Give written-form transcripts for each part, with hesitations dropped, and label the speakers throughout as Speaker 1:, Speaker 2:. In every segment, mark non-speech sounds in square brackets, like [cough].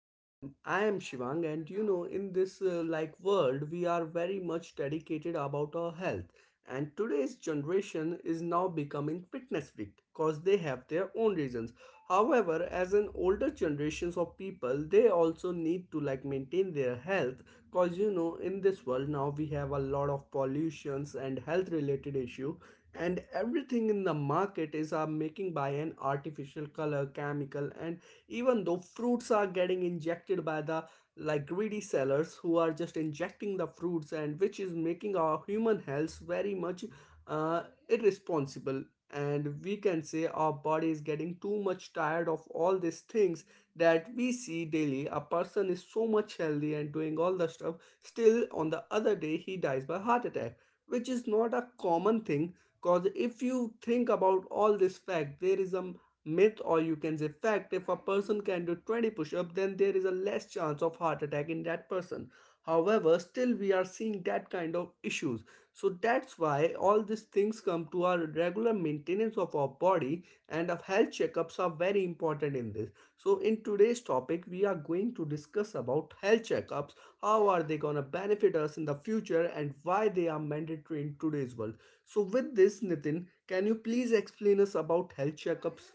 Speaker 1: And I am Shivang, and you know, in this like world, we are very much dedicated about our health. And today's generation is now becoming fitness freak because they have their own reasons. However, as an older generations of people, they also need to like maintain their health because you know, in this world now we have a lot of pollutions and health related issue and everything in the market is making by an artificial color chemical and even though fruits are getting injected by the like greedy sellers who are just injecting the fruits and which is making our human health very much uh, irresponsible and we can say our body is getting too much tired of all these things that we see daily a person is so much healthy and doing all the stuff still on the other day he dies by heart attack which is not a common thing because if you think about all this fact, there is a myth or you can say fact if a person can do 20 push up, then there is a less chance of heart attack in that person. However, still we are seeing that kind of issues. So that's why all these things come to our regular maintenance of our body and of health checkups are very important in this. So in today's topic, we are going to discuss about health checkups, how are they gonna benefit us in the future and why they are mandatory in today's world. So with this, Nitin, can you please explain us about health checkups?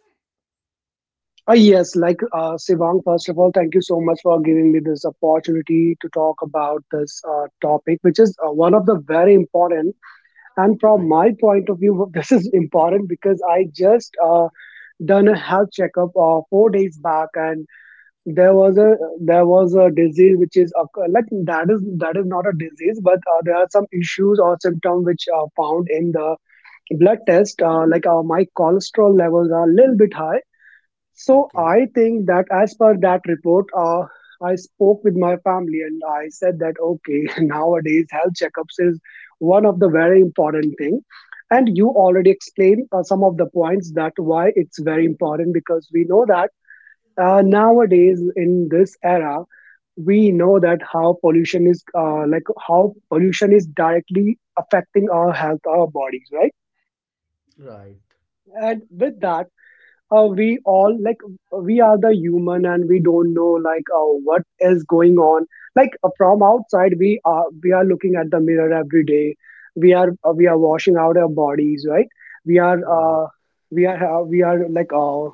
Speaker 2: Sivang, first of all, thank you so much for giving me this opportunity to talk about this topic, which is one of the very important. And from
Speaker 1: Right?
Speaker 2: my point of view, [laughs] this is important because I just done a health checkup 4 days back, and there was a there was a disease which is like that is not a disease, but there are some issues or symptoms which are found in the blood test. My cholesterol levels are a little bit high, so
Speaker 1: Okay.
Speaker 2: I think that as per that report, I spoke with my family and I said that, okay, [laughs] nowadays health checkups is one of the very important thing. And you already explained some of the points that why it's very important, because we know that nowadays in this era we know that how pollution is like how pollution is directly affecting our health, our bodies, right?
Speaker 1: Right.
Speaker 2: And with that, we all like we are the human and we don't know like what is going on, like from outside we are looking at the mirror every day, we are washing out our bodies, right? We are
Speaker 1: Right.
Speaker 2: we are uh, we are like uh,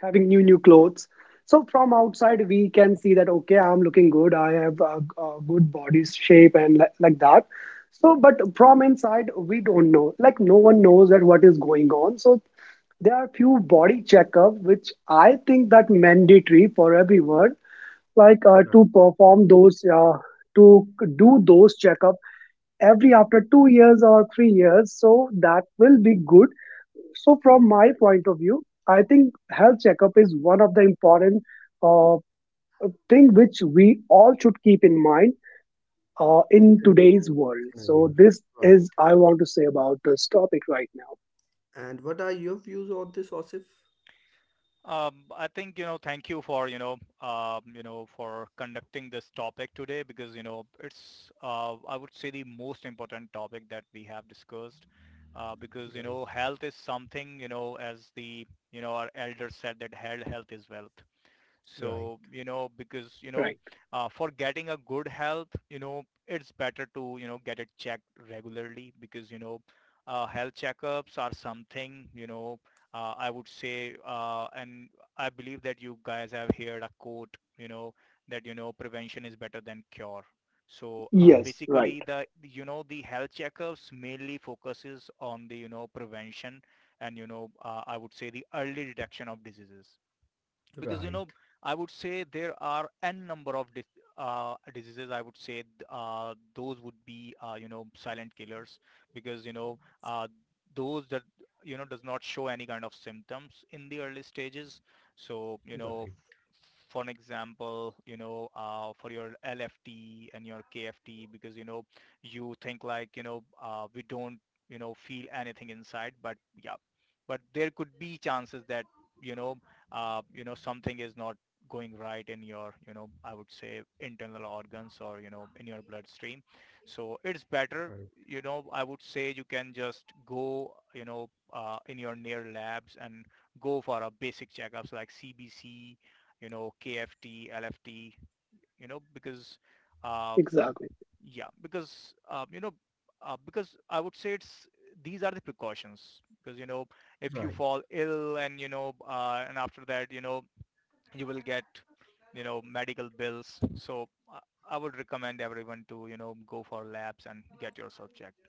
Speaker 2: having new new clothes. So from outside we can see that, okay, I'm looking good, I have a good body shape, and like that. So but from inside we don't know, like no one knows that what is going on. So there are few body checkup which I think that mandatory for everyone, to
Speaker 1: Right.
Speaker 2: perform those to do those checkup every after 2 years or 3 years, so that will be good. So from my
Speaker 1: Right.
Speaker 2: point of view, I think health checkup is one of the important uh, thing which we all should keep in mind in
Speaker 1: And
Speaker 2: today's
Speaker 1: do once
Speaker 2: world.
Speaker 1: in a
Speaker 2: So
Speaker 1: year.
Speaker 2: this
Speaker 1: Right.
Speaker 2: is I want to say about this topic right now.
Speaker 1: And what are your views on this, Osif?
Speaker 3: I think, thank you for, for conducting this topic today because, it's, I would say the most important topic that we have discussed, because,
Speaker 1: Right.
Speaker 3: health is something, as the, our elders said that health is wealth.
Speaker 1: Right.
Speaker 3: So, because,
Speaker 2: Right.
Speaker 3: for getting a good health, it's better to, get it checked regularly because, health checkups are something, I would say, and I believe that you guys have heard a quote, that, prevention is better than cure. So
Speaker 1: Right.
Speaker 2: Yes. Right.
Speaker 3: basically, the the health checkups mainly focuses on the prevention and I would say the early detection of diseases because
Speaker 1: Right.
Speaker 3: I would say there are n number of diseases I would say those would be silent killers because those that does not show any kind of symptoms in the early stages. So
Speaker 1: Right.
Speaker 3: for an example, for your LFT and your KFT, because you think like we don't feel anything inside, but yeah, but there could be chances that you know something is not going right in your, I would say, internal organs or in your bloodstream. So it's better,
Speaker 1: Right.
Speaker 3: I would say, you can just go in your near labs and go for a basic checkups like CBC, KFT, LFT, because uh,
Speaker 2: Exactly.
Speaker 3: yeah, because because I would say it's, these are the precautions, because if you
Speaker 1: Right.
Speaker 3: fall ill and and after that, you will get, medical bills, so i I would recommend everyone to go for labs and get yourself checked.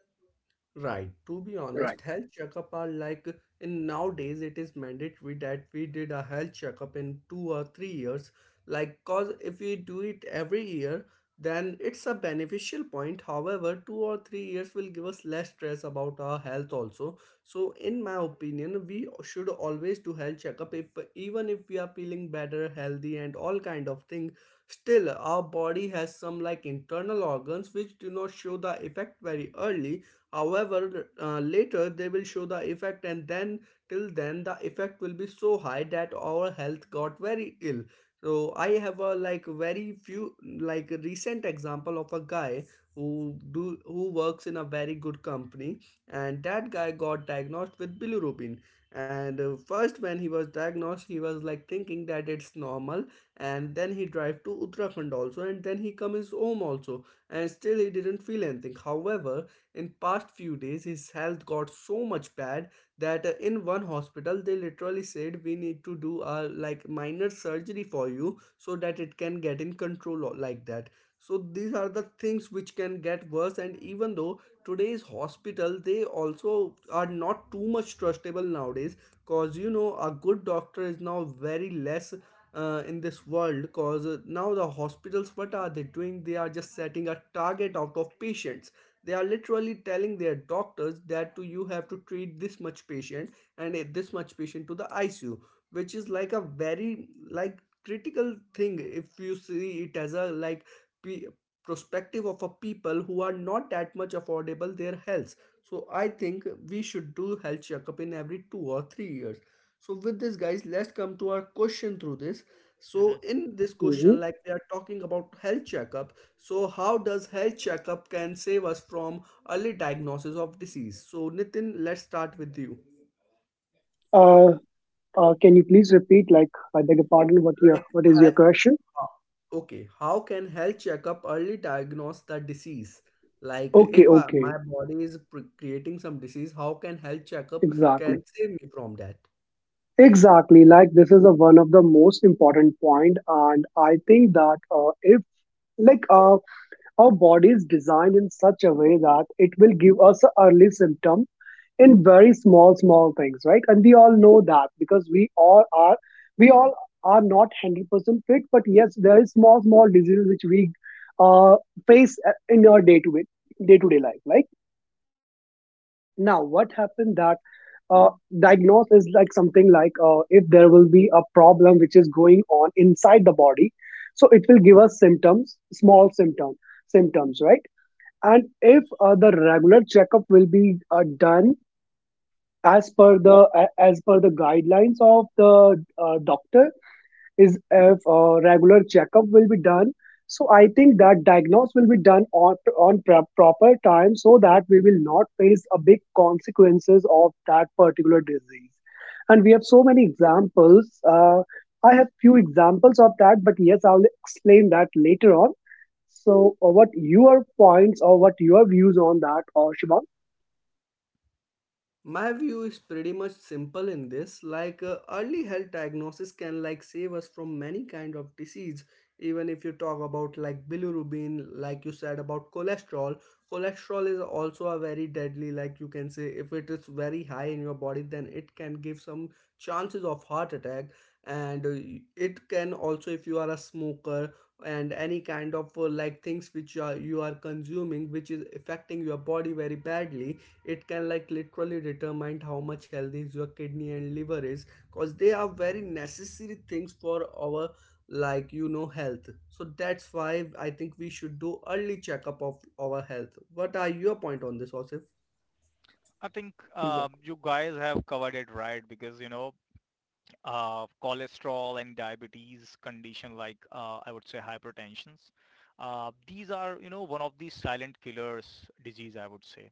Speaker 1: Right. To be
Speaker 2: Right.
Speaker 1: honest, health checkup are like in nowadays it is mandatory that we did a health checkup in 2 or 3 years. Like, cause if we do it every year, then it's a beneficial point. However, 2 or 3 years will give us less stress about our health also. So, in my opinion, we should always do health checkup. If even if we are feeling better, healthy, and all kind of thing, still our body has some like internal organs which do not show the effect very early. However, later they will show the effect, and then till then the effect will be so high that our health got very ill. So I have a like very few like recent example of a guy who do who works in a very good company, and that guy got diagnosed with bilirubin. And first, when he was diagnosed, he was like thinking that it's normal, and then he drive to Uttarakhand also, and then he comes home also, and still he didn't feel anything. However, in past few days his health got so much bad that in one hospital they literally said we need to do a like minor surgery for you so that it can get in control like that. So these are the things which can get worse and even though today's hospital they also are not too much trustable nowadays, cause you know a good doctor is now very less in this world cause now the hospitals what are they doing they are just setting a target out of patients, they are literally telling their doctors that you have to treat this much patient and this much patient to the ICU, which is like a very like critical thing if you see it as a like perspective of a people who are not that much affordable their health. So I think we should do health checkup in every 2 or 3 years. So with this, guys, let's come to our question through this.
Speaker 3: hmm
Speaker 1: So in this
Speaker 2: Mhm.
Speaker 1: question, like they are talking about health checkup, so how does health checkup can save us from early diagnosis of disease? So Nitin, let's start with you.
Speaker 2: Uh, can you please repeat? Like, I beg your pardon. What your
Speaker 1: Like
Speaker 2: what is
Speaker 1: he-
Speaker 2: your question?
Speaker 1: ho- okay, how can health checkup early diagnose the disease? Like
Speaker 2: Okay,
Speaker 1: if I,
Speaker 2: okay,
Speaker 1: my body is creating some disease, how can health checkup
Speaker 2: exactly,
Speaker 1: can save me from that?
Speaker 2: exactly. Like this is a, one of the most important point, and I think that if like our body is designed in such a way that it will give us a early symptom in very small small things, right? And we all know that because we all are not 100% fit, but yes, there is small small diseases which we uh, face in our day to day life. Like now what happened that uh, diagnose is like something like if there will be a problem which is going on inside the body, so it will give us symptoms, small symptoms, right? And if the regular checkup will be done as per the as per the guidelines of the doctor, is if regular checkup will be done, so I think that diagnosis will be done on proper time, so that we will not face a big consequences of that particular disease. And we have so many examples, I have few examples of that, but yes, I'll explain that later on. So what your points or what your views on that, or Shivam?
Speaker 1: My view is pretty much simple in this like early health diagnosis can like save us from many kind of disease even if you talk about like bilirubin like you said about cholesterol is also a very deadly like you can say if it is very high in your body then it can give some chances of heart attack and it can also if you are a smoker and any kind of like things which you are consuming which is affecting your body very badly it can like literally determine how much healthy is your kidney and liver is because they are very necessary things for our like you know health so that's why I think we should do early checkup of our health what are your point on this osif.
Speaker 3: I think
Speaker 2: Exactly.
Speaker 3: you guys have covered it right, because cholesterol and diabetes condition, like I would say hypertensions. These are, one of the silent killers disease, I would say.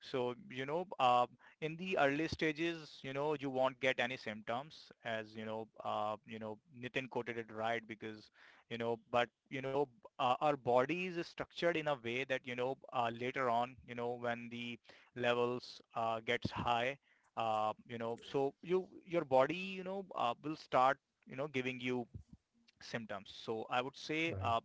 Speaker 3: So, in the early stages, you won't get any symptoms, as, Nitin quoted it right, because, but, our body is structured in a way that, later on, when the levels gets high, so your body, will start giving you symptoms. So I would say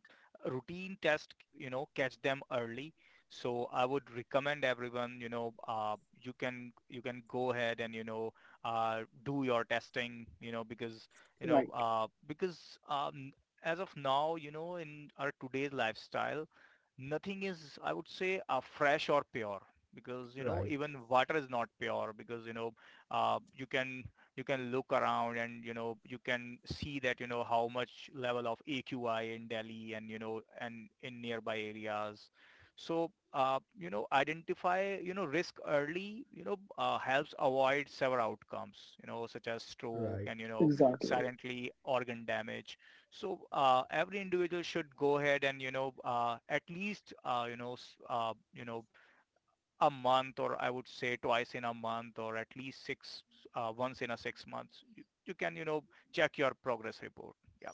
Speaker 3: routine test, catch them early. So I would recommend everyone, you can go ahead and do your testing, because
Speaker 2: Right.
Speaker 3: because as of now, in our today's lifestyle, nothing is, I would say, fresh or pure, because
Speaker 1: Right,
Speaker 3: even water is not pure, because uh, you can you can look around and you can see that how much level of AQI in Delhi and and in nearby areas. So identify, risk early, helps avoid severe outcomes, such as stroke
Speaker 1: right.
Speaker 3: and,
Speaker 2: Exactly.
Speaker 3: silently organ damage. So every individual should go ahead and, at least, uh, you know a month, or I would say twice in a month, or at least once in a 6 months. You can, check your progress report. Yeah.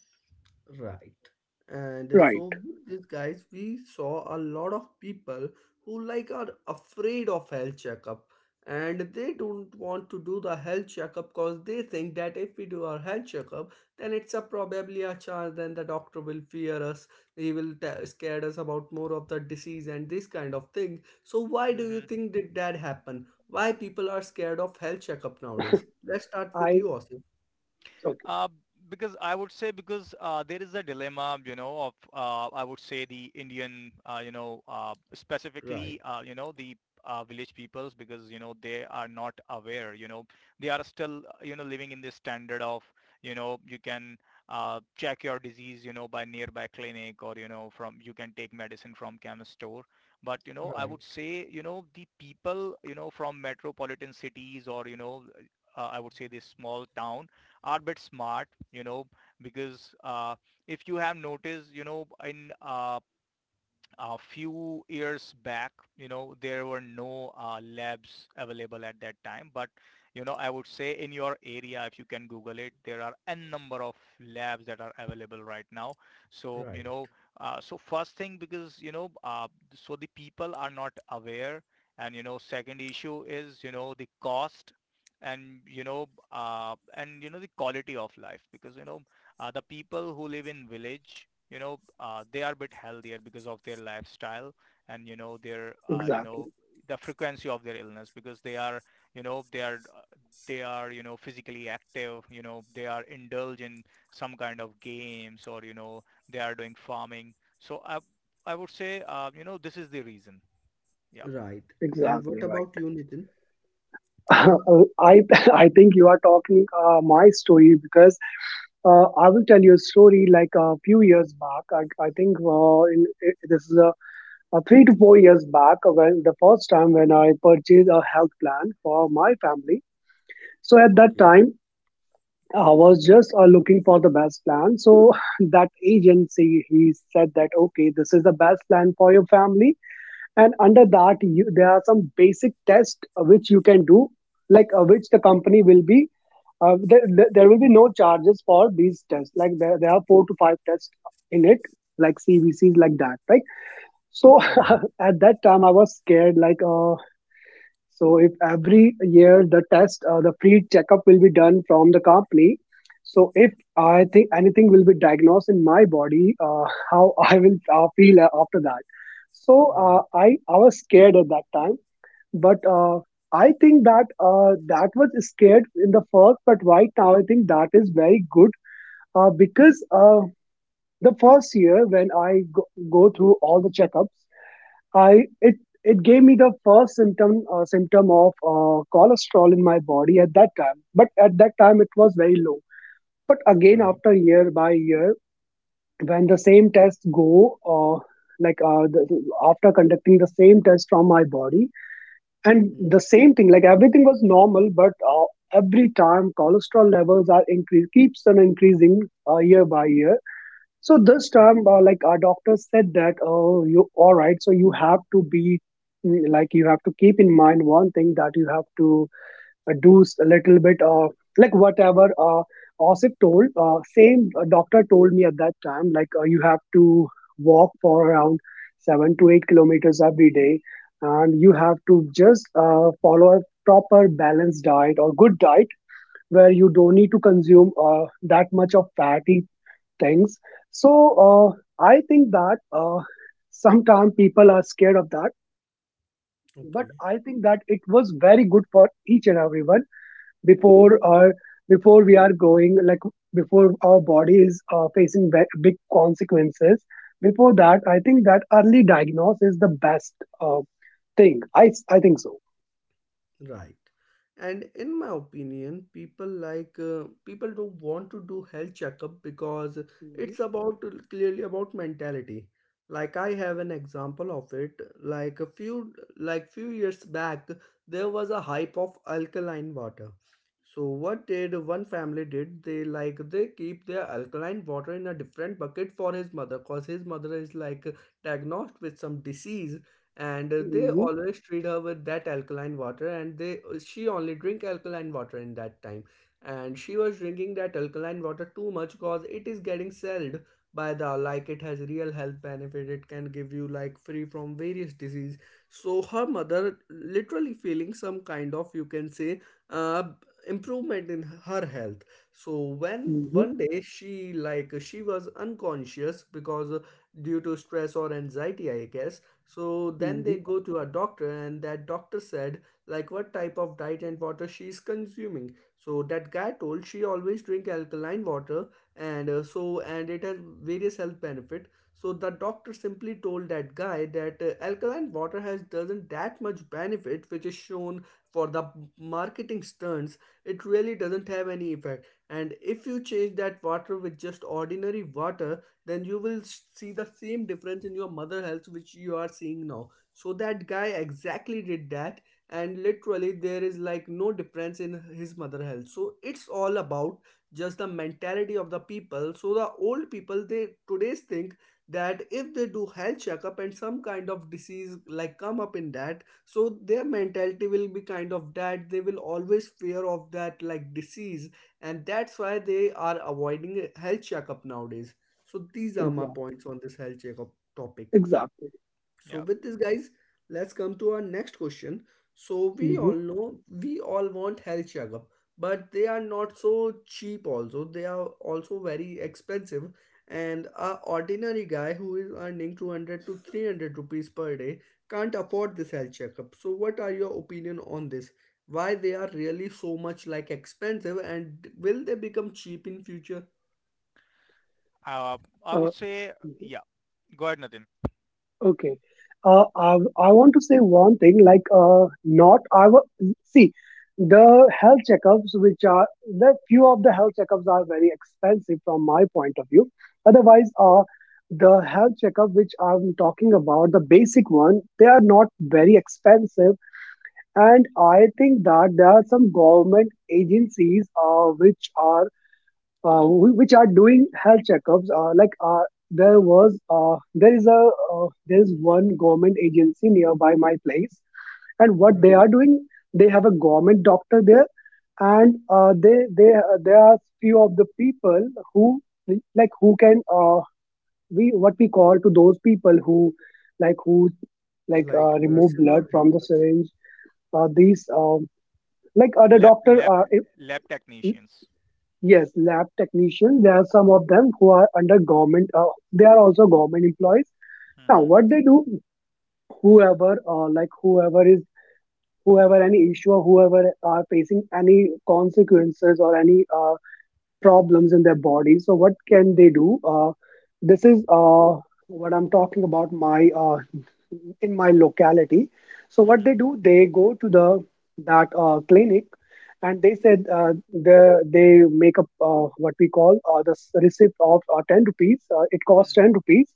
Speaker 1: Right. And
Speaker 2: Right.
Speaker 1: so with these guys, we saw a lot of people who like are afraid of health checkup and they don't want to do the health checkup because they think that if we do our health checkup then it's a probably a chance then the doctor will fear us, he will scare us about more of the disease and this kind of thing so why do you
Speaker 3: hmm
Speaker 1: think did that happen why people are scared of health checkup nowadays let's start with you
Speaker 2: I
Speaker 1: Osif.
Speaker 2: okay,
Speaker 3: Uh, because I would say, because there is a dilemma, of I would say the Indian,
Speaker 1: Right.
Speaker 3: specifically, the village peoples, because they are not aware. They are still living in this standard of, you can check your disease, by nearby clinic, or from you can take medicine from chemist store. But, I
Speaker 1: Right.
Speaker 3: would say the people from metropolitan cities, or I would say this small town, are a bit smart, because if you have noticed, in a few years back, there were no labs available at that time. But, I would say in your area, if you can Google it, there are n number of labs that are available right now. So,
Speaker 1: Right.
Speaker 3: so first thing, because, so the people are not aware. And, second issue is, the cost, and and, the quality of life, because the people who live in village, they are a bit healthier because of their lifestyle, and their,
Speaker 2: exactly,
Speaker 3: the frequency of their illness, because they are, you know they are uh, they are physically active, they are indulge in some kind of games, or they are doing farming, so I would say, this is the reason. Yeah.
Speaker 1: Right. And
Speaker 2: exactly
Speaker 1: what
Speaker 2: right.
Speaker 1: about you, Nitin?
Speaker 2: [laughs] I [laughs] I think you are talking my story because I will tell you a story. Like a few years back, I think in, I this is a 3 to 4 years back when the first time when I purchased a health plan for my family. So at that
Speaker 1: Okay.
Speaker 2: time. I was just looking for the best plan. So [laughs] that agency, he said that, okay, this is the best plan for your family, and under that you, there are some basic tests which you can do, which the company will be there there will be no charges for these tests, like there are four to five tests in it, like cvcs, like that, right? So
Speaker 1: Right.
Speaker 2: [laughs] at that time I was scared, so if every year the test, the free checkup will be done from the company. So if I think anything will be diagnosed in my body, [laughs] how I will feel after that. So uh,
Speaker 1: Right.
Speaker 2: I I was scared at that time, but I think that that was scared in the first, but right now I think that is very good, because the first year when I go, go through all the checkups. I it it gave me the first symptom of cholesterol in my body at that time. But at that time it was very low. But again,
Speaker 1: Right.
Speaker 2: after year by year, when the same tests go, like uh, the, after conducting the same test from my body, and
Speaker 1: Hmm.
Speaker 2: the same thing, like everything was normal, but every time cholesterol levels are increase keeps on increasing year by year. So this time,
Speaker 1: Okay.
Speaker 2: like our doctor said that, oh, you all right. So you have to be mm, like you have to keep in mind one thing that you have to a little bit of like whatever Osip told. Same doctor told me at that time, you have to walk for around 7 to 8 kilometers every day, and you have to just follow a proper balanced diet or good diet where you don't need to consume that much of fatty things. So I think that sometimes people are scared of that, but
Speaker 1: Okay.
Speaker 2: I think that it was very good for each and everyone before or before we are going, like before our body is facing big consequences. Before that, I think that early diagnose is the best uh, thing. I think so.
Speaker 1: Right. And in my opinion, people people don't want to do health checkup because
Speaker 2: Mhm,
Speaker 1: it's about clearly about mentality. Like I have an example of it. Like a few like few years back, there was a hype of alkaline water. So what did one family did? They like they keep their alkaline water in a different bucket for his mother, cause his mother is like diagnosed with some disease and they
Speaker 2: mhm,
Speaker 1: always treat her with that alkaline water and they she only drink alkaline water in that time and she was drinking that alkaline water too much because it is getting sold by the like it has real health benefit it can give you like free from various disease so her mother literally feeling some kind of you can say uh, improvement in her health. So when
Speaker 2: mhm,
Speaker 1: one day she like she was unconscious because due to stress or anxiety I guess so then
Speaker 2: mhm.
Speaker 1: they go to a doctor and that doctor said like what type of diet and water she is consuming so that guy told she always drink alkaline water and so and it has various health benefit so the doctor simply told that guy that alkaline water has doesn't that much benefit which is shown for the marketing stunts, it really doesn't have any effect and if you change that water with just ordinary water then you will see the same difference in your mother health which you are seeing now. So that guy exactly did that and literally there is like no difference in his mother health. So it's all about just the mentality of the people. So the old people they today's think that if they do health checkup and some kind of disease like come up in that so their mentality will be kind of that they will always fear of that like disease, and that's why they are avoiding health checkup nowadays. So these are my
Speaker 2: Exact-
Speaker 1: points on this health checkup topic.
Speaker 2: Exactly.
Speaker 3: Yeah.
Speaker 1: So with this, guys, let's come to our next question. So we
Speaker 2: Mhm,
Speaker 1: all know we all want health checkup, but they are not so cheap. Also, they are also very expensive. And a ordinary guy who is earning 200 to 300 rupees per day can't afford this health checkup. So what are your opinion on this? Why they are really so much like expensive, and will they become cheap in future?
Speaker 3: uh, I would
Speaker 2: uh,
Speaker 3: say yeah, go ahead, Nathan.
Speaker 2: okay. I want to say one thing, like not I wa- see, the health checkups which are the few of the health checkups are very expensive from my point of view. Otherwise, the health checkup which I'm talking about, the basic one, they are not very expensive. And I think that there are some government agencies which are doing health checkups. There is a there is one government agency nearby my place, and what they
Speaker 1: Right,
Speaker 2: are doing, they have a government doctor there, and they there are few of the people who like who can we what we call to those people who like who
Speaker 1: like
Speaker 2: remove
Speaker 1: nurses
Speaker 2: blood
Speaker 1: or
Speaker 2: from the
Speaker 1: helpers.
Speaker 2: syringe. These like other
Speaker 3: lab
Speaker 2: doctor
Speaker 3: lab lab technicians.
Speaker 2: yes, lab technicians. There are some of them who are under government. They are also government employees. Now,
Speaker 3: Hmm.
Speaker 2: what they do, whoever is, whoever any issue or whoever are facing any consequences or any problems in their body. So what can they do? This is what I'm talking about my in my locality. So what
Speaker 3: Hmm.
Speaker 2: they do, they go to the that clinic, and they said they make up what we call receipt of 10 rupees. It costs
Speaker 3: Hmm.
Speaker 2: 10 rupees,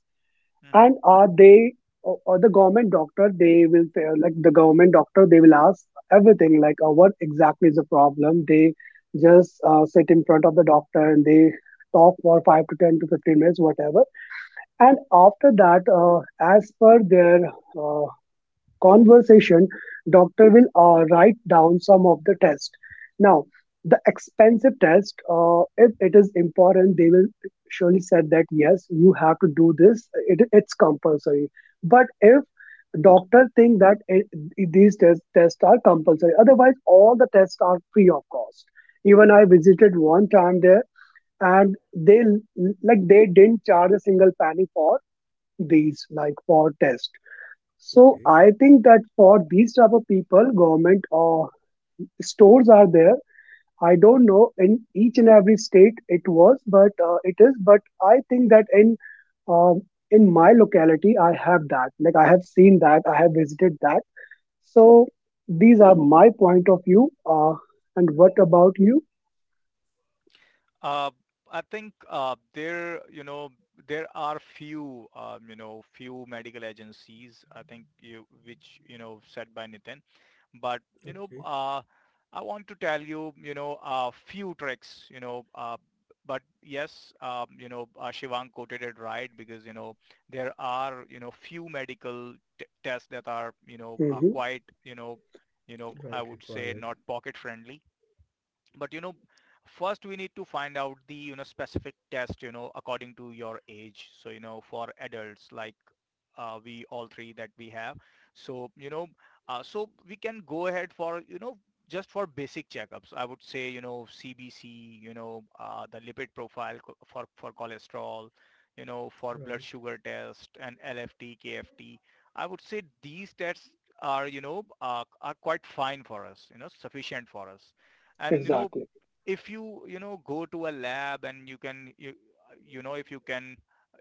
Speaker 3: Hmm.
Speaker 2: and are they or the government doctor they will say like the government doctor they will ask everything, like what exactly is the problem, they just sit in front of the doctor and they talk for 5 to 10 to 15 minutes whatever. And after that as per their uh, conversation, doctor will write down some of the test. Now, the expensive test, if it is important, they will surely said that yes, you have to do this. It's compulsory. But if doctor think that these tests are compulsory, otherwise all the tests are free of cost. Even I visited one time there, and they like they didn't charge a single penny for these like for tests. So
Speaker 1: Okay,
Speaker 2: I think that for these type of people, government or stores are there. I don't know in each and every state it was, but it is. But I think that um, in my locality, I have that. Like I have seen that, I have visited that. So these are my point of view. And what about you?
Speaker 3: Uh, I think there, there are few, few medical agencies. I think you, which said by Nitin. But,
Speaker 1: okay,
Speaker 3: I want to tell you, a few tricks. But yes, Shivang quoted it right, because there are, few medical tests that are, are
Speaker 2: Hmm.
Speaker 3: quite, I
Speaker 1: right,
Speaker 3: would say,
Speaker 1: required,
Speaker 3: not pocket friendly, but first we need to find out the, specific test, according to your age, so for adults, like we all three that we have. So, so we can go ahead for, just for basic checkups. I would say, CBC, the lipid profile for cholesterol, for blood
Speaker 1: right,
Speaker 3: sugar test, and LFT, KFT. I would say these tests are quite fine for us, sufficient for us. And,
Speaker 2: Exactly.
Speaker 3: if you, go to a lab, and you can,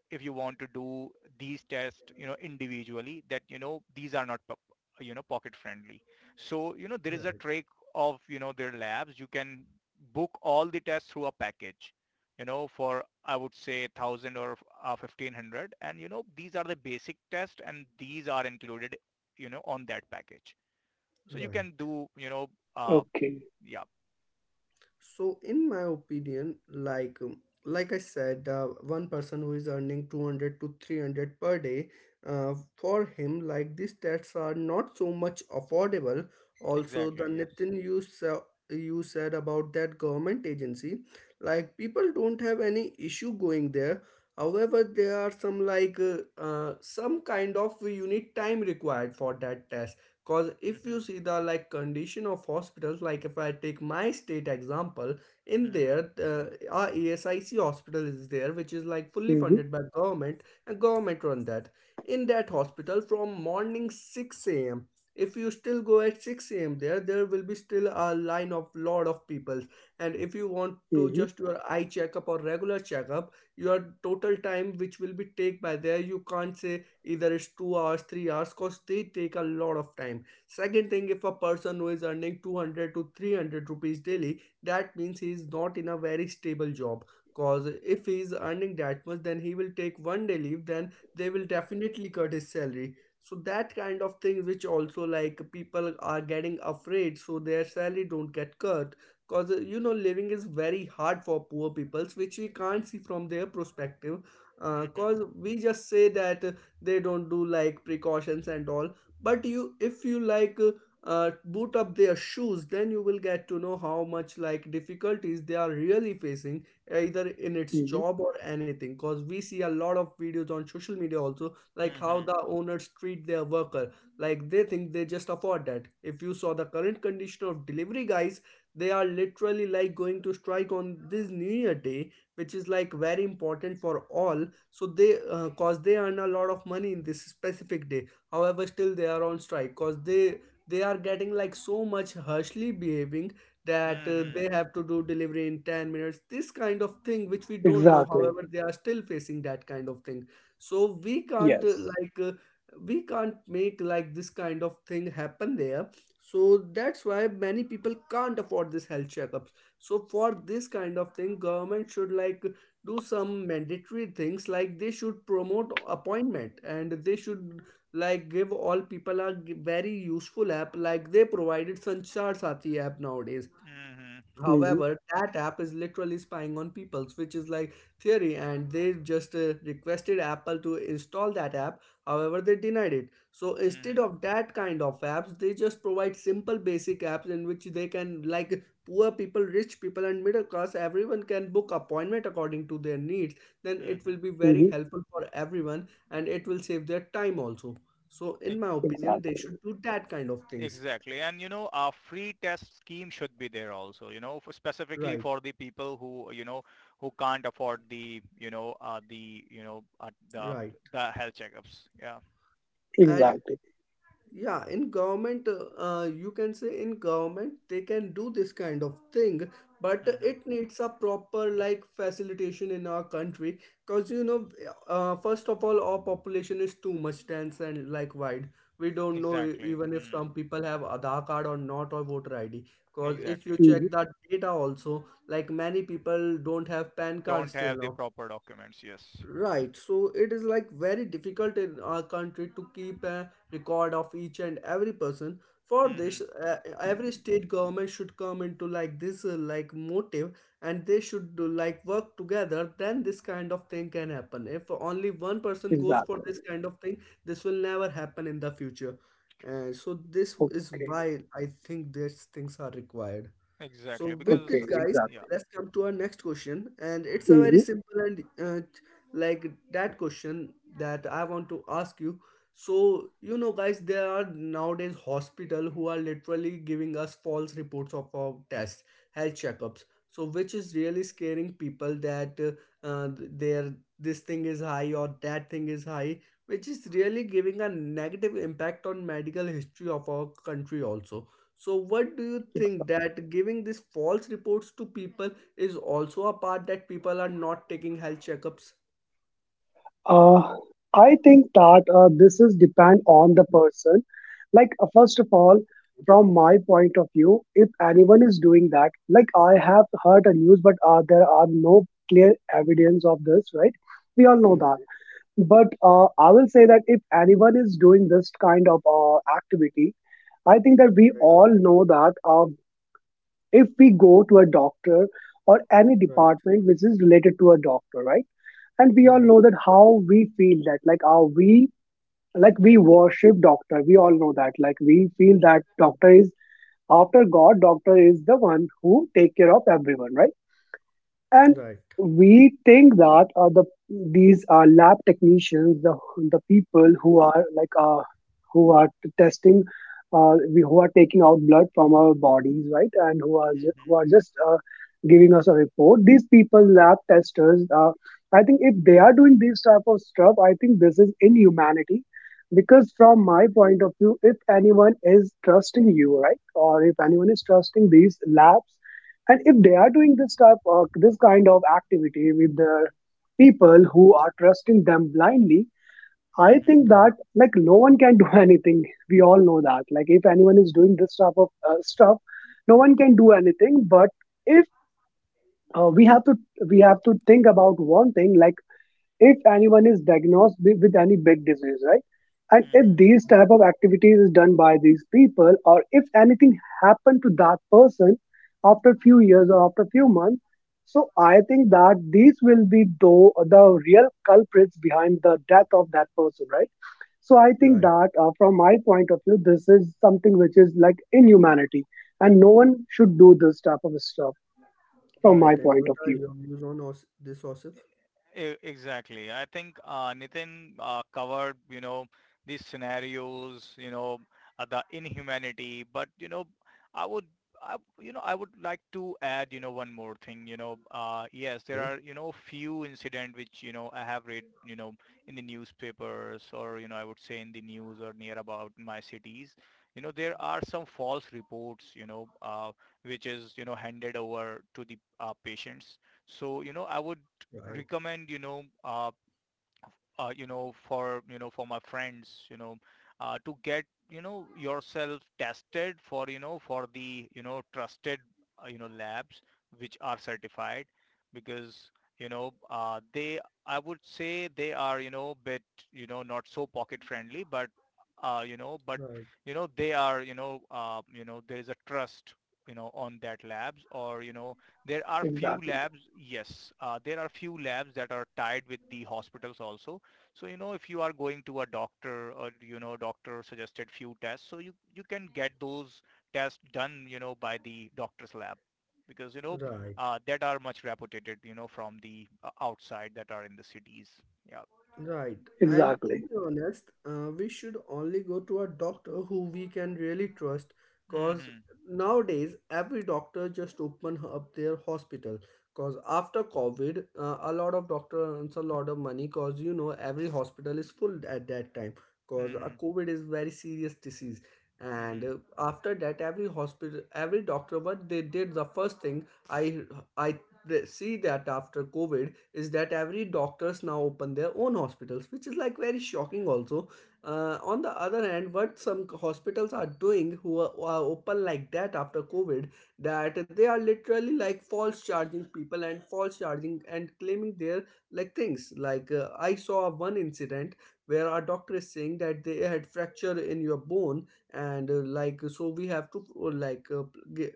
Speaker 3: if you want to do these tests, individually, that, these are not, pocket friendly. So, there is a
Speaker 1: right,
Speaker 3: trick of, their labs. You can book all the tests through a package, for I would say 1000 or 1500. And, these are the basic tests and these are included, on that package. So you can
Speaker 1: right.
Speaker 3: do, uh,
Speaker 2: Okay.
Speaker 3: yeah,
Speaker 1: So, in my opinion, like I said, one person who is earning 200 to 300 per day, for him, like these stats are not so much affordable. Also,
Speaker 3: exactly.
Speaker 1: the
Speaker 3: Yes.
Speaker 1: Nitin you you said about that government agency, like people don't have any issue going there. However, there are some like some kind of unit time required for that, cause if you
Speaker 3: Mm-hmm.
Speaker 1: see the like condition of hospitals, like if I take my state example. In there,
Speaker 3: Mm-hmm.
Speaker 1: our ESIC hospital is there, which is like fully
Speaker 2: Hmm.
Speaker 1: funded by government and government run that. In that hospital, from morning 6 a.m, if you still go at 6 a.m, there will be still a line of lot of people. And if you want to
Speaker 2: Hmm.
Speaker 1: just your eye checkup or regular checkup, your total time which will be take by there, you can't say, either it's 2 hours, 3 hours, because they take a lot of time. Second thing, if a person who is earning 200 to 300 rupees daily, that means he is not in a very stable job, because if he is earning that much, then he will take 1 day leave, then they will definitely cut his salary. So that kind of thing, which also like people are getting afraid so their salary don't get cut, because you know living is very hard for poor peoples, which we can't see from their perspective.
Speaker 3: Mm-hmm.
Speaker 1: Because we just say that they don't do like precautions and all, but you, if you like boot up their shoes, then you will get to know how much like difficulties they are really facing, either in its
Speaker 2: Hmm.
Speaker 1: job or anything, because we see a lot of videos on social media also, like how
Speaker 3: Mm-hmm.
Speaker 1: the owners treat their worker, like they think they just afford that. If you saw the current condition of delivery guys, they are literally like going to strike on this new year day, which is like very important for all. So they cause they earn a lot of money in this specific day, however still they are on strike, cause they are getting like so much harshly behaving, that
Speaker 3: Mm-hmm.
Speaker 1: they have to do delivery in 10 minutes, this kind of thing which we don't know,
Speaker 2: Exactly.
Speaker 1: however they are still facing that kind of thing. So we can't
Speaker 2: Yes.
Speaker 1: we can't make like this kind of thing happen there. So that's why many people can't afford this health checkups. So for this kind of thing, government should like do some mandatory things, like they should promote appointment and they should like give all people a very useful app, like they provided Sanchar Sati app nowadays.
Speaker 3: Mm-hmm.
Speaker 2: Hmm.
Speaker 1: However, that app is literally spying on people's, which is like theory, and they just requested Apple to install that app. However, they denied it. So instead
Speaker 3: Mm-hmm.
Speaker 1: of that kind of apps, they just provide simple basic apps in which they can like poor people, rich people and middle class, everyone can book appointment according to their needs. Then it will
Speaker 3: Mm-hmm.
Speaker 1: be very
Speaker 2: Hmm.
Speaker 1: helpful for everyone and it will save their time also. So in
Speaker 3: Ex-
Speaker 1: my opinion, they
Speaker 2: Exactly.
Speaker 1: should do that kind of things.
Speaker 3: Exactly. And, a free test scheme should be there also, for specifically
Speaker 1: Right,
Speaker 3: for the people who, who can't afford the, you know, the, you know,
Speaker 1: right.
Speaker 3: the health checkups. Yeah.
Speaker 1: And
Speaker 2: Exactly.
Speaker 1: yeah, in government, you can say in government they can do this kind of thing, but
Speaker 3: Hmm.
Speaker 1: it needs a proper like facilitation in our country. Because you know first of all our population is too much dense and like wide. We don't know
Speaker 3: Exactly.
Speaker 1: even if
Speaker 3: Mm.
Speaker 1: some people have Aadhaar card or not, or voter ID. Because if
Speaker 3: Exactly.
Speaker 1: you
Speaker 2: Mhm.
Speaker 1: check that data also, like many people don't have PAN
Speaker 3: Don't
Speaker 1: card still
Speaker 3: have the
Speaker 1: now.
Speaker 3: proper documents. Yes.
Speaker 1: Right, so it is like very difficult in our country to keep a record of each and every person. For
Speaker 3: Hmm.
Speaker 1: this, every state government should come into like this like motive, and they should do like work together. Then this kind of thing can happen. If only one person goes for
Speaker 2: Exactly.
Speaker 1: this kind of thing, this will never happen in the future. So this is
Speaker 2: Okay.
Speaker 1: why I think these things are required.
Speaker 3: Exactly.
Speaker 1: So, with
Speaker 3: Because,
Speaker 1: this,
Speaker 2: Okay.
Speaker 1: guys,
Speaker 3: yeah.
Speaker 2: Exactly.
Speaker 1: let's come to our next question, and it's
Speaker 3: Hmm.
Speaker 1: a very
Speaker 2: Mm-hmm.
Speaker 1: simple and like that question that I want to ask you. So, you know, guys, there are nowadays hospital who are literally giving us false reports of our tests, health checkups. So, which is really scaring people that their this thing is high or that thing is high, which is really giving a negative impact on medical history of our country also. So, what do you
Speaker 2: Exactly.
Speaker 1: think that giving these false reports to people is also a part that people are not taking health checkups?
Speaker 2: Uh, I think that this is depend on the person. First of all, from my point of view, if anyone is doing that, like I have heard a news, but there are no clear evidence of this, right? We all know that.
Speaker 1: Okay,
Speaker 2: But I will say that if anyone is doing this kind of activity, I think that we
Speaker 1: right,
Speaker 2: all know that. If we go to a doctor or any
Speaker 1: right,
Speaker 2: department which is related to a doctor, right, and we all
Speaker 1: right,
Speaker 2: know that how we feel, that like how we, like we worship doctor, we all know that, like we feel that doctor is after god, doctor is the one who take care of everyone, right, and
Speaker 1: right,
Speaker 2: we think that the, these are lab technicians, the people who are like who are testing, who are taking out blood from our bodies, right, and who are
Speaker 3: Hmm.
Speaker 2: who are just giving us a report. These people, lab testers, I think if they are doing this type of stuff, I think this is inhumanity. Because from my point of view, if anyone is trusting you, right, or if anyone is trusting these labs, and if they are doing this type of, this kind of activity with the people who are trusting them blindly, I
Speaker 3: Hmm.
Speaker 2: think
Speaker 1: right,
Speaker 2: that like no one can do [laughs] anything. We all know that like if anyone is doing this type of stuff, no one can do anything. But if we have to, we have to think about one thing, like if anyone is diagnosed with any big disease, right, and
Speaker 3: Hmm.
Speaker 2: if these type of activities is done by these people, or if anything happened to that person after few years or after few months, so I think that these will be though the real culprits behind the death of that person, right. So I think
Speaker 1: right,
Speaker 2: that from my point of view, this is something which is like inhumanity, and no one should do this type of stuff, from my
Speaker 1: right. And
Speaker 2: point
Speaker 1: what
Speaker 2: of
Speaker 1: are
Speaker 2: view.
Speaker 1: your views on this, Osif?
Speaker 3: Exactly. I think Nitin covered, these scenarios, the inhumanity. But, I would, I would like to add, one more thing. Yes, there
Speaker 1: Okay,
Speaker 3: are, few incident which, I have read, in the newspapers, or, I would say in the news, or near about my cities. There are some false reports, which is, handed over to the patients. So, I would
Speaker 1: right,
Speaker 3: recommend, for, for my friends, to get, yourself tested for, for the, trusted, labs, which are certified, because, they, I would say they are, bit, not so pocket friendly, but, but,
Speaker 1: right,
Speaker 3: they are, there is a trust, on that labs, or, there are few
Speaker 2: Exactly.
Speaker 3: labs, yes, there are few labs that are tied with the hospitals also. So, if you are going to a doctor, or, doctor suggested few tests, so you can get those tests done, by the doctor's lab, because,
Speaker 1: right.
Speaker 3: that are much reputed, from the outside that are in the cities. Yeah.
Speaker 1: Right. And to
Speaker 2: Exactly.
Speaker 1: be honest, we should only go to a doctor who we can really trust, because
Speaker 3: Mm-hmm.
Speaker 1: nowadays every doctor just open up their hospital, because after COVID, a lot of doctor earns a lot of money, because you know every hospital is full at that time, because a
Speaker 3: Mm-hmm.
Speaker 1: COVID is very serious disease. And
Speaker 3: Mm-hmm.
Speaker 1: after that, every hospital, every doctor, what they did, the first thing I they see that after COVID is that every doctors now open their own hospitals, which is like very shocking also. On the other hand, what some hospitals are doing who are open like that after COVID, that they are literally like false charging people and false charging and claiming their like things, like I saw one incident where our doctor is saying that they had fracture in your bone, and like so we have to g-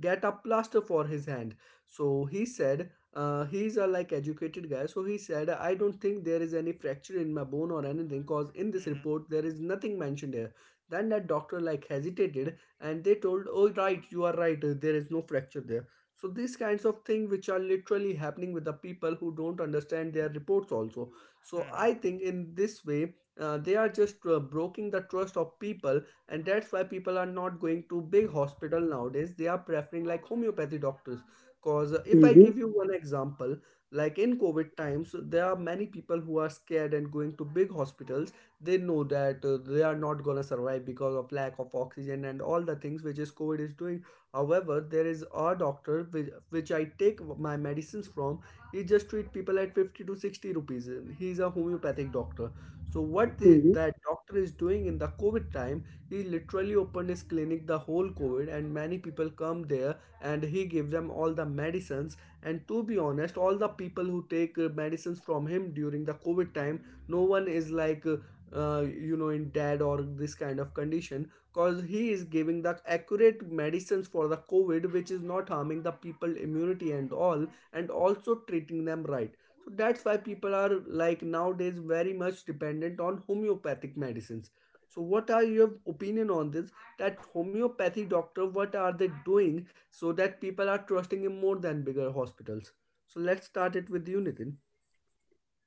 Speaker 1: get a plaster for his hand. So he said he's a like educated guy, so he said I don't think there is any fracture in my bone or anything, cause in this
Speaker 3: Mm-hmm.
Speaker 1: report there is nothing mentioned here. Then that doctor like hesitated, and they told, oh right, you are right, there is no fracture there. So these kinds of things which are literally happening with the people who don't understand their reports also. So
Speaker 3: Mm-hmm.
Speaker 1: I think in this way they are just breaking the trust of people, and that's why people are not going to big hospital nowadays, they are preferring like homeopathy doctors. Cause if I
Speaker 2: Hmm.
Speaker 1: give you one example, like in COVID times, there are many people who are scared and going to big hospitals, they know that they are not going to survive because of lack of oxygen and all the things which is COVID is doing. However there is a doctor which I take my medicines from, he just treat people at 50 to 60 rupees, he's a homeopathic doctor. So what the, that doctor is doing in the COVID time, he literally opened his clinic the whole COVID, and many people come there, and he give them all the medicines. And to be honest, all the people who take medicines from him during the COVID time, no one is like. You know in dead or this kind of condition, because he is giving the accurate medicines for the COVID which is not harming the people immunity and all, and also treating them right. So that's why people are like nowadays very much dependent on homeopathic medicines. So, what are your opinion on this? That homeopathy doctor, what are they doing so that people are trusting him more than bigger hospitals? So let's start it with you, Nitin.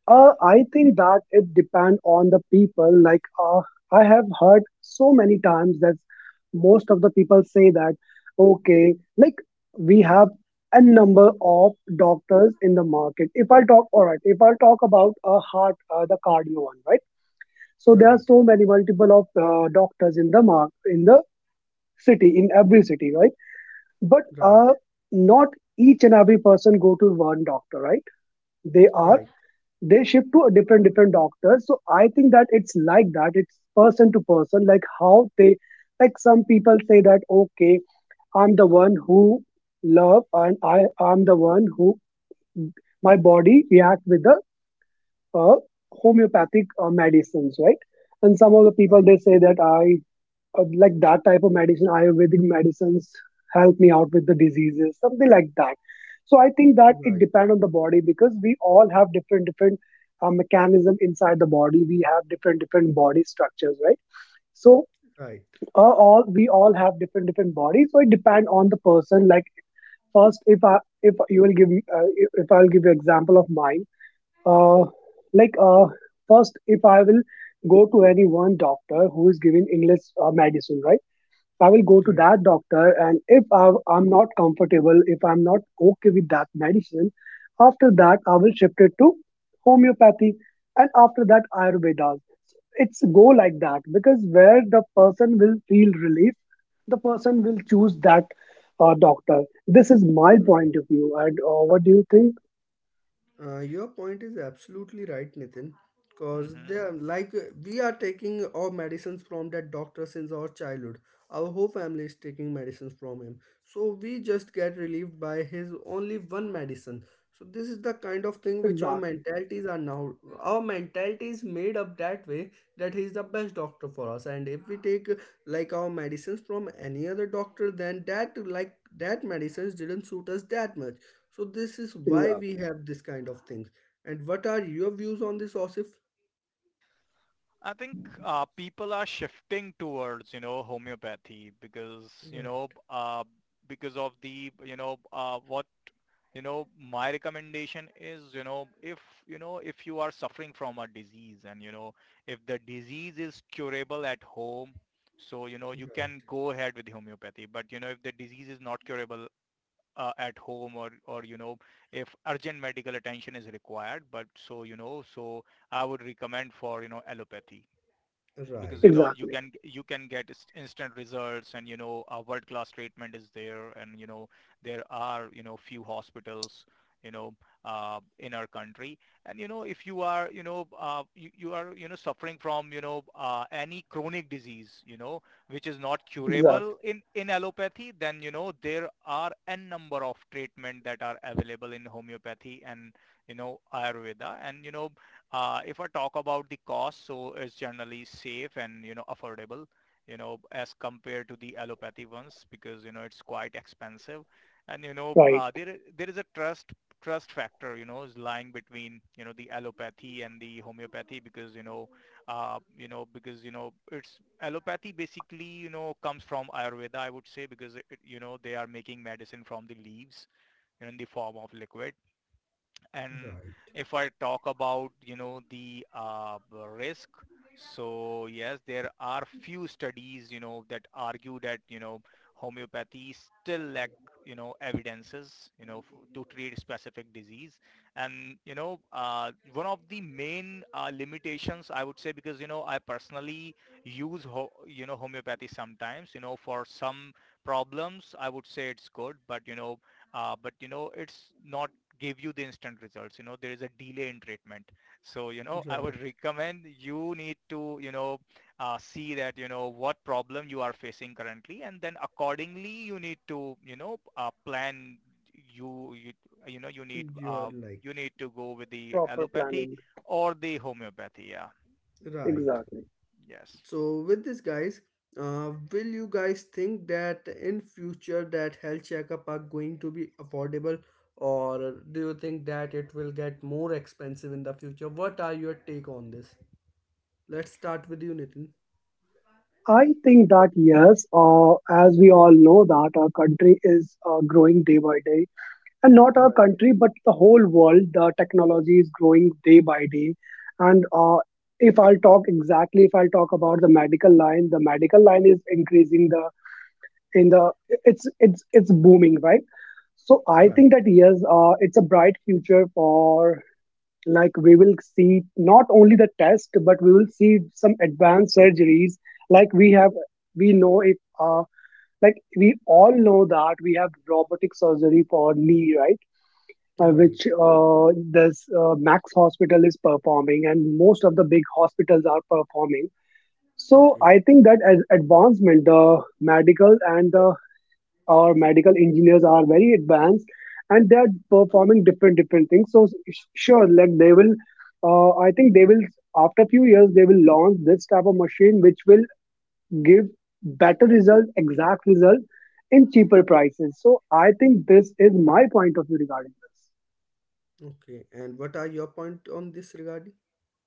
Speaker 2: I think that it depends on the people. I have heard so many times that most of the people say that, okay, like we have a number of doctors in the market. If I talk, all right, if I talk about a heart, the cardio one, right? So there
Speaker 1: Right,
Speaker 2: are so many multiple of doctors in the mark, in the city, in every city, right? But
Speaker 1: right,
Speaker 2: not each and every person go to one doctor, right? They are
Speaker 1: right,
Speaker 2: they shift to a different different doctors. So I think that it's like that, it's person to person, like how they, like some people say that, okay, I'm the one who love, and I'm the one who, my body react with the uh, homeopathic medicines, right, and some of the people
Speaker 1: right,
Speaker 2: they say that I like that type of medicine, Ayurvedic medicines help me out with the diseases, something like that. So I think that it
Speaker 1: right,
Speaker 2: depends on the body because we all have different different mechanism inside the body. We have different different body structures, right? So
Speaker 1: right,
Speaker 2: uh, all, we all have different different bodies. So it depends on the person. Like first, if I if you will give me, if I'll give you example of mine, uh, like uh, first if I will go to any one doctor who is giving English medicine, right? I will go to
Speaker 1: right,
Speaker 2: that doctor, and if I, I'm not comfortable, if I'm not okay with that medicine, after that I will shift it to homeopathy, and after that Ayurveda. It's go like that because where the person will feel relief, the person will choose that doctor. This is my
Speaker 1: right.
Speaker 2: point of view, and what do you think?
Speaker 1: Your point is absolutely right, Nitin. Because
Speaker 3: Mm-hmm.
Speaker 1: they are like we are taking our medicines from that doctor since our childhood. Our whole family is taking medicines from him. So we just get relieved by his only one medicine. So this is the kind of thing which our
Speaker 2: Exactly,
Speaker 1: mentalities are now. Our mentality is made up that way, that he is the best doctor for us. And if we take like our medicines from any other doctor, then that like that medicines didn't suit us that much. So this is why we
Speaker 2: exactly,
Speaker 1: have this kind of things. And what are your views on this, Osif?
Speaker 3: I think people are shifting towards, homeopathy because, you
Speaker 1: Right,
Speaker 3: know, uh, because of the, what my recommendation is, if you are suffering from a disease and if the disease is curable at home, so you
Speaker 1: right,
Speaker 3: can go ahead with homeopathy. But if the disease is not curable at home, or if urgent medical attention is required, but so I would recommend for allopathy,
Speaker 1: right,
Speaker 3: because
Speaker 1: right,
Speaker 2: exactly,
Speaker 3: you can get instant results. And a world class treatment is there. And there are few hospitals, you know in our country. And if you are you are suffering from any chronic disease, which is not
Speaker 2: exactly.
Speaker 3: curable in allopathy, then there are n number of treatment that are available in homeopathy and ayurveda. And if I talk about the cost, so it's generally safe and, affordable, as compared to the allopathy ones, because, it's quite expensive. And,
Speaker 2: Right,
Speaker 3: there there is a trust factor, is lying between, the allopathy and the homeopathy, because, because, it's allopathy basically, comes from Ayurveda, I would say, because, it, they are making medicine from the leaves, in the form of liquid. And
Speaker 1: right,
Speaker 3: if I talk about, the risk, so yes, there are few studies, that argue that, homeopathy still lack, evidences, to treat specific disease. And, one of the main limitations, I would say, because, I personally use, homeopathy sometimes, for some problems. I would say it's good, but, it's not give you the instant results. You know there is a delay in treatment. So I
Speaker 1: right.
Speaker 3: would recommend, you need to see that what problem you are facing currently, and then accordingly you need to plan. you you you need
Speaker 1: You're like
Speaker 3: you need to go with the
Speaker 2: proper
Speaker 3: allopathy
Speaker 2: planning.
Speaker 3: or the homeopathy. Yeah.
Speaker 1: right.
Speaker 2: Exactly.
Speaker 3: Yes.
Speaker 1: So with this, guys, will you guys think that in future that health checkup are going to be affordable, or do you think that it will get more expensive in the future? What are your take on this? Let's start with you, Nitin.
Speaker 2: I think that yes, as we all know that our country is growing day by day, and not our
Speaker 1: Right,
Speaker 2: country but the whole world. The technology is growing day by day, and if I'll talk exactly, if I'll talk about the medical line is increasing the, in the, it's booming, right? So I
Speaker 1: right,
Speaker 2: think that yes, it's a bright future for, like we will see not only the test but we will see some advanced surgeries, like we have, we know if like we all know that we have robotic surgery for knee, right,
Speaker 1: right.
Speaker 2: which this Max Hospital is performing and most of the big hospitals are performing. So
Speaker 1: Okay.
Speaker 2: I think that as advancement, the medical and the, our medical engineers are very advanced and they are performing different different things. So sure, like they will I think they will, after a few years they will launch this type of machine which will give better result, exact result, in cheaper prices. So I think this is my point of view regarding this.
Speaker 1: Okay, and what are your point on this regarding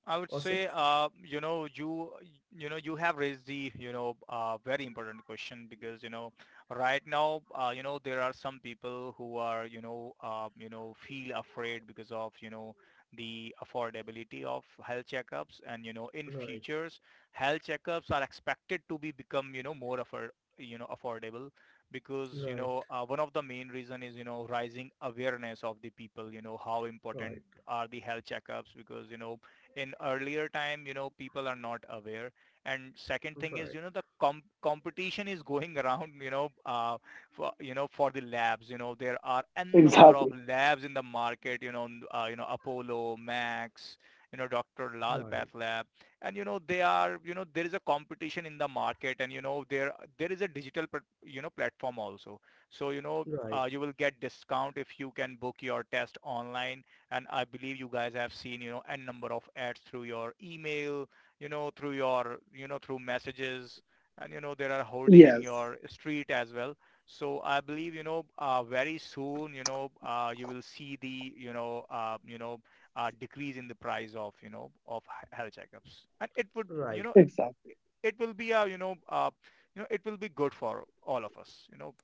Speaker 3: I would
Speaker 1: OSIF?
Speaker 3: say, you you have raised the very important question, because right now, there are some people who are feel afraid because of the affordability of health checkups. And in
Speaker 1: Right,
Speaker 3: futures, health checkups are expected to be become more affordable, because
Speaker 1: right,
Speaker 3: one of the main reason is rising awareness of the people, how important
Speaker 1: right,
Speaker 3: are the health checkups. Because in earlier time, people are not aware. And second thing is,
Speaker 1: right,
Speaker 3: the competition is [laughs] going around, for, for the labs. There are n number of
Speaker 2: Exactly.
Speaker 3: labs in the market, Apollo, Max, Dr. Lal Path
Speaker 1: right,
Speaker 3: Lab. And, they are, there is a competition in the market. And, there, there is a digital, platform also. So,
Speaker 1: right, right,
Speaker 3: you will get discount if you can book your test online. And I believe you guys have seen, n number of ads through your email, through your, through messages. And there are holding in
Speaker 2: Yes.
Speaker 3: your street as well. So I believe, very soon, you know, you will see the, decrease in the price of, of health checkups. And it would, you
Speaker 1: right.
Speaker 3: know,
Speaker 2: Exactly.
Speaker 3: it will be a, you know, it will be good for all of us,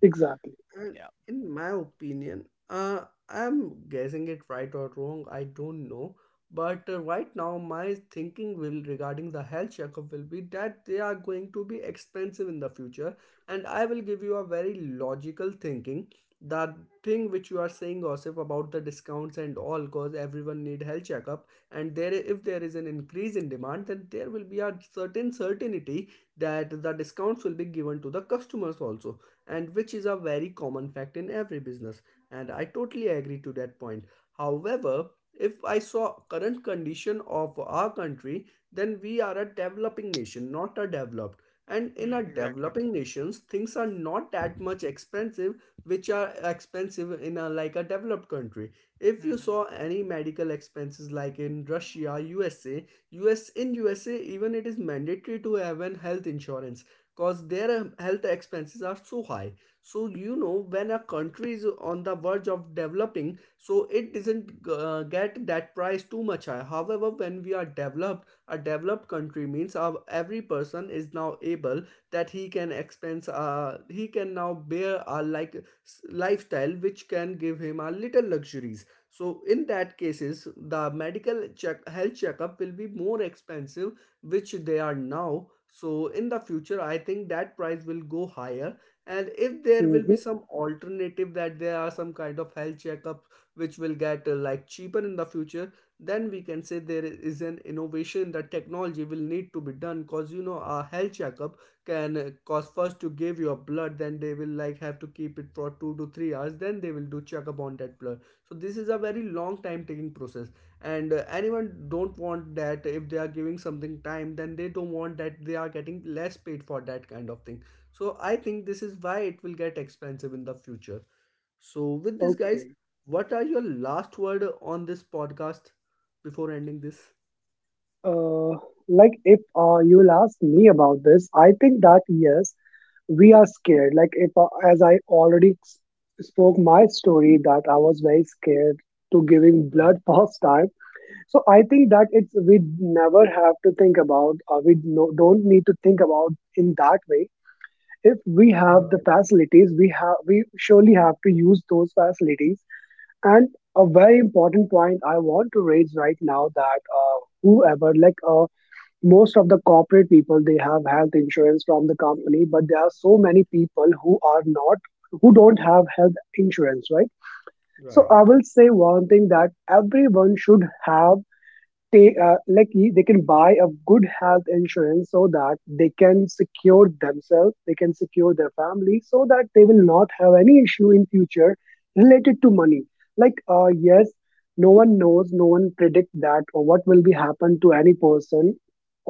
Speaker 2: Exactly.
Speaker 1: And
Speaker 3: Yeah.
Speaker 1: in my opinion, I'm guessing it right or wrong, I don't know. But right now, my thinking will regarding the health checkup will be that they are going to be expensive in the future. And I will give you a very logical thinking. The thing which you are saying, Osif, about the discounts and all, cause everyone need health checkup. And there, if there is an increase in demand, then there will be a certain certainty that the discounts will be given to the customers also, and which is a very common fact in every business, and I totally agree to that point. However, if I saw current condition of our country, then we are a developing nation, not a developed. And in a
Speaker 3: Mm, exactly.
Speaker 1: developing nations, things are not that much expensive, which are expensive in a like a developed country. If you saw
Speaker 3: Hmm.
Speaker 1: any medical expenses like in Russia, USA, US, in USA even it is mandatory to have an health insurance, cause their health expenses are so high. So you know when a country is on the verge of developing, so it doesn't get that price too much high. However when we are developed, a developed country means our, every person is now able that he can expense he can now bear a like lifestyle which can give him a little luxuries. So in that cases the medical check health checkup will be more expensive, which they are now. So in the future, I think that price will go higher. And if there will be
Speaker 2: Hmm.
Speaker 1: some alternative that there are some kind of health checkup which will get like cheaper in the future, then we can say there is an innovation that technology will need to be done, because you know a health checkup can cause first to give your blood, then they will like have to keep it for 2 to 3 hours, then they will do checkup on that blood, so this is a very long time taking process. And anyone don't want that, if they are giving something time, then they don't want that they are getting less paid for that kind of thing. So I think this is why it will get expensive in the future. So with this guys,
Speaker 2: Okay.
Speaker 1: what are your last word on this podcast before ending this?
Speaker 2: Uh, like if you'll ask me about this, I think that yes, we are scared, like if, as I already spoke my story that I was very scared to giving blood
Speaker 1: Right,
Speaker 2: [laughs] first time. So I think that it's, we never have to think about, or we, no, don't need to think about in that way. If we have the
Speaker 1: right,
Speaker 2: facilities we have, we surely have to use those facilities. And a very important point I want to raise right now, that whoever most of the corporate people they have health insurance from the company, but there are so many people who are not, who don't have health insurance, right. So
Speaker 1: right,
Speaker 2: I will say one thing, that everyone should have, they can buy a good health insurance so that they can secure themselves, they can secure their family, so that they will not have any issue in future related to money. Yes, no one knows, no one predict that or what will be happen to any person,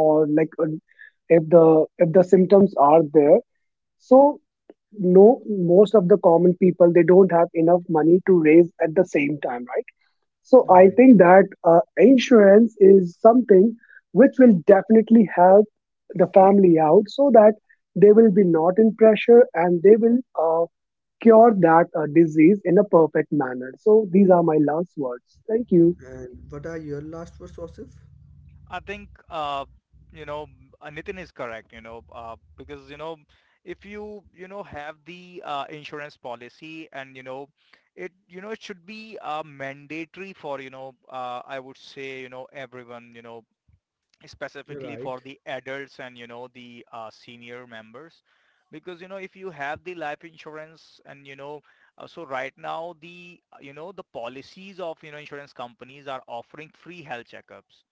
Speaker 2: or like if the, if the symptoms are there. So no, most of the common people they don't have enough money to raise at the same time, right. So I
Speaker 1: right,
Speaker 2: think that insurance is something which will definitely help the family out, so that they will be not in pressure, and they will cure that disease in a perfect manner. So these are my last words. Thank you.
Speaker 1: and what are your last words Osif?
Speaker 3: I think you know Nitin is correct. Because if you you know have the insurance policy. And it it should be mandatory for I would say everyone, specifically
Speaker 1: Right,
Speaker 3: for the adults and the senior members, because if you have the life insurance. And so right now the the policies of insurance companies are offering free health checkups,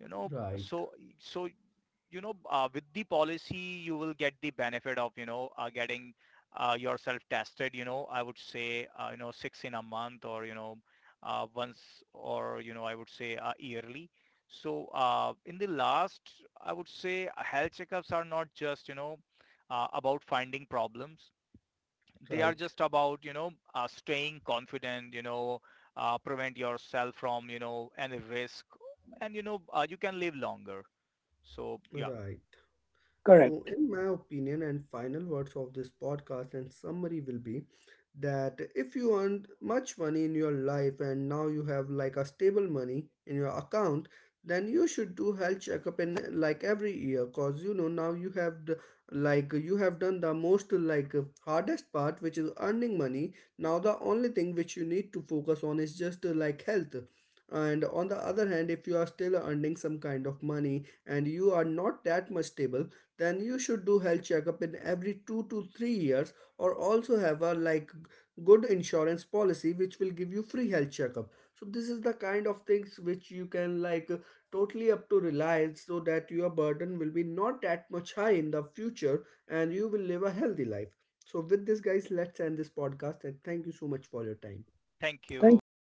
Speaker 3: you know
Speaker 1: right,
Speaker 3: so so with the policy you will get the benefit of getting yourself tested. I would say six in a month, or once, or I would say yearly. So in the last, I would say health checkups are not just about finding problems. They are
Speaker 1: right,
Speaker 3: just about staying confident, prevent yourself from any risk. And you can live longer. So yeah.
Speaker 1: right. So,
Speaker 2: Correct.
Speaker 1: in my opinion, and final words of this podcast and summary will be that if you earned much money in your life and now you have like a stable money in your account, then you should do health checkup in like every year, because you know now you have the, like you have done the most like hardest part, which is earning money. Now, the only thing which you need to focus on is just like health. And on the other hand, if you are still earning some kind of money and you are not that much stable, then you should do health checkup in every 2 to 3 years or also have a like good insurance policy which will give you free health checkup. So this is the kind of things which you can like totally up to reliance, so that your burden will be not that much high in the future, and you will live a healthy life. So with this guys, let's end this podcast, and thank you so much for your time.
Speaker 3: Thank
Speaker 2: Thank
Speaker 3: you.
Speaker 2: you, everyone.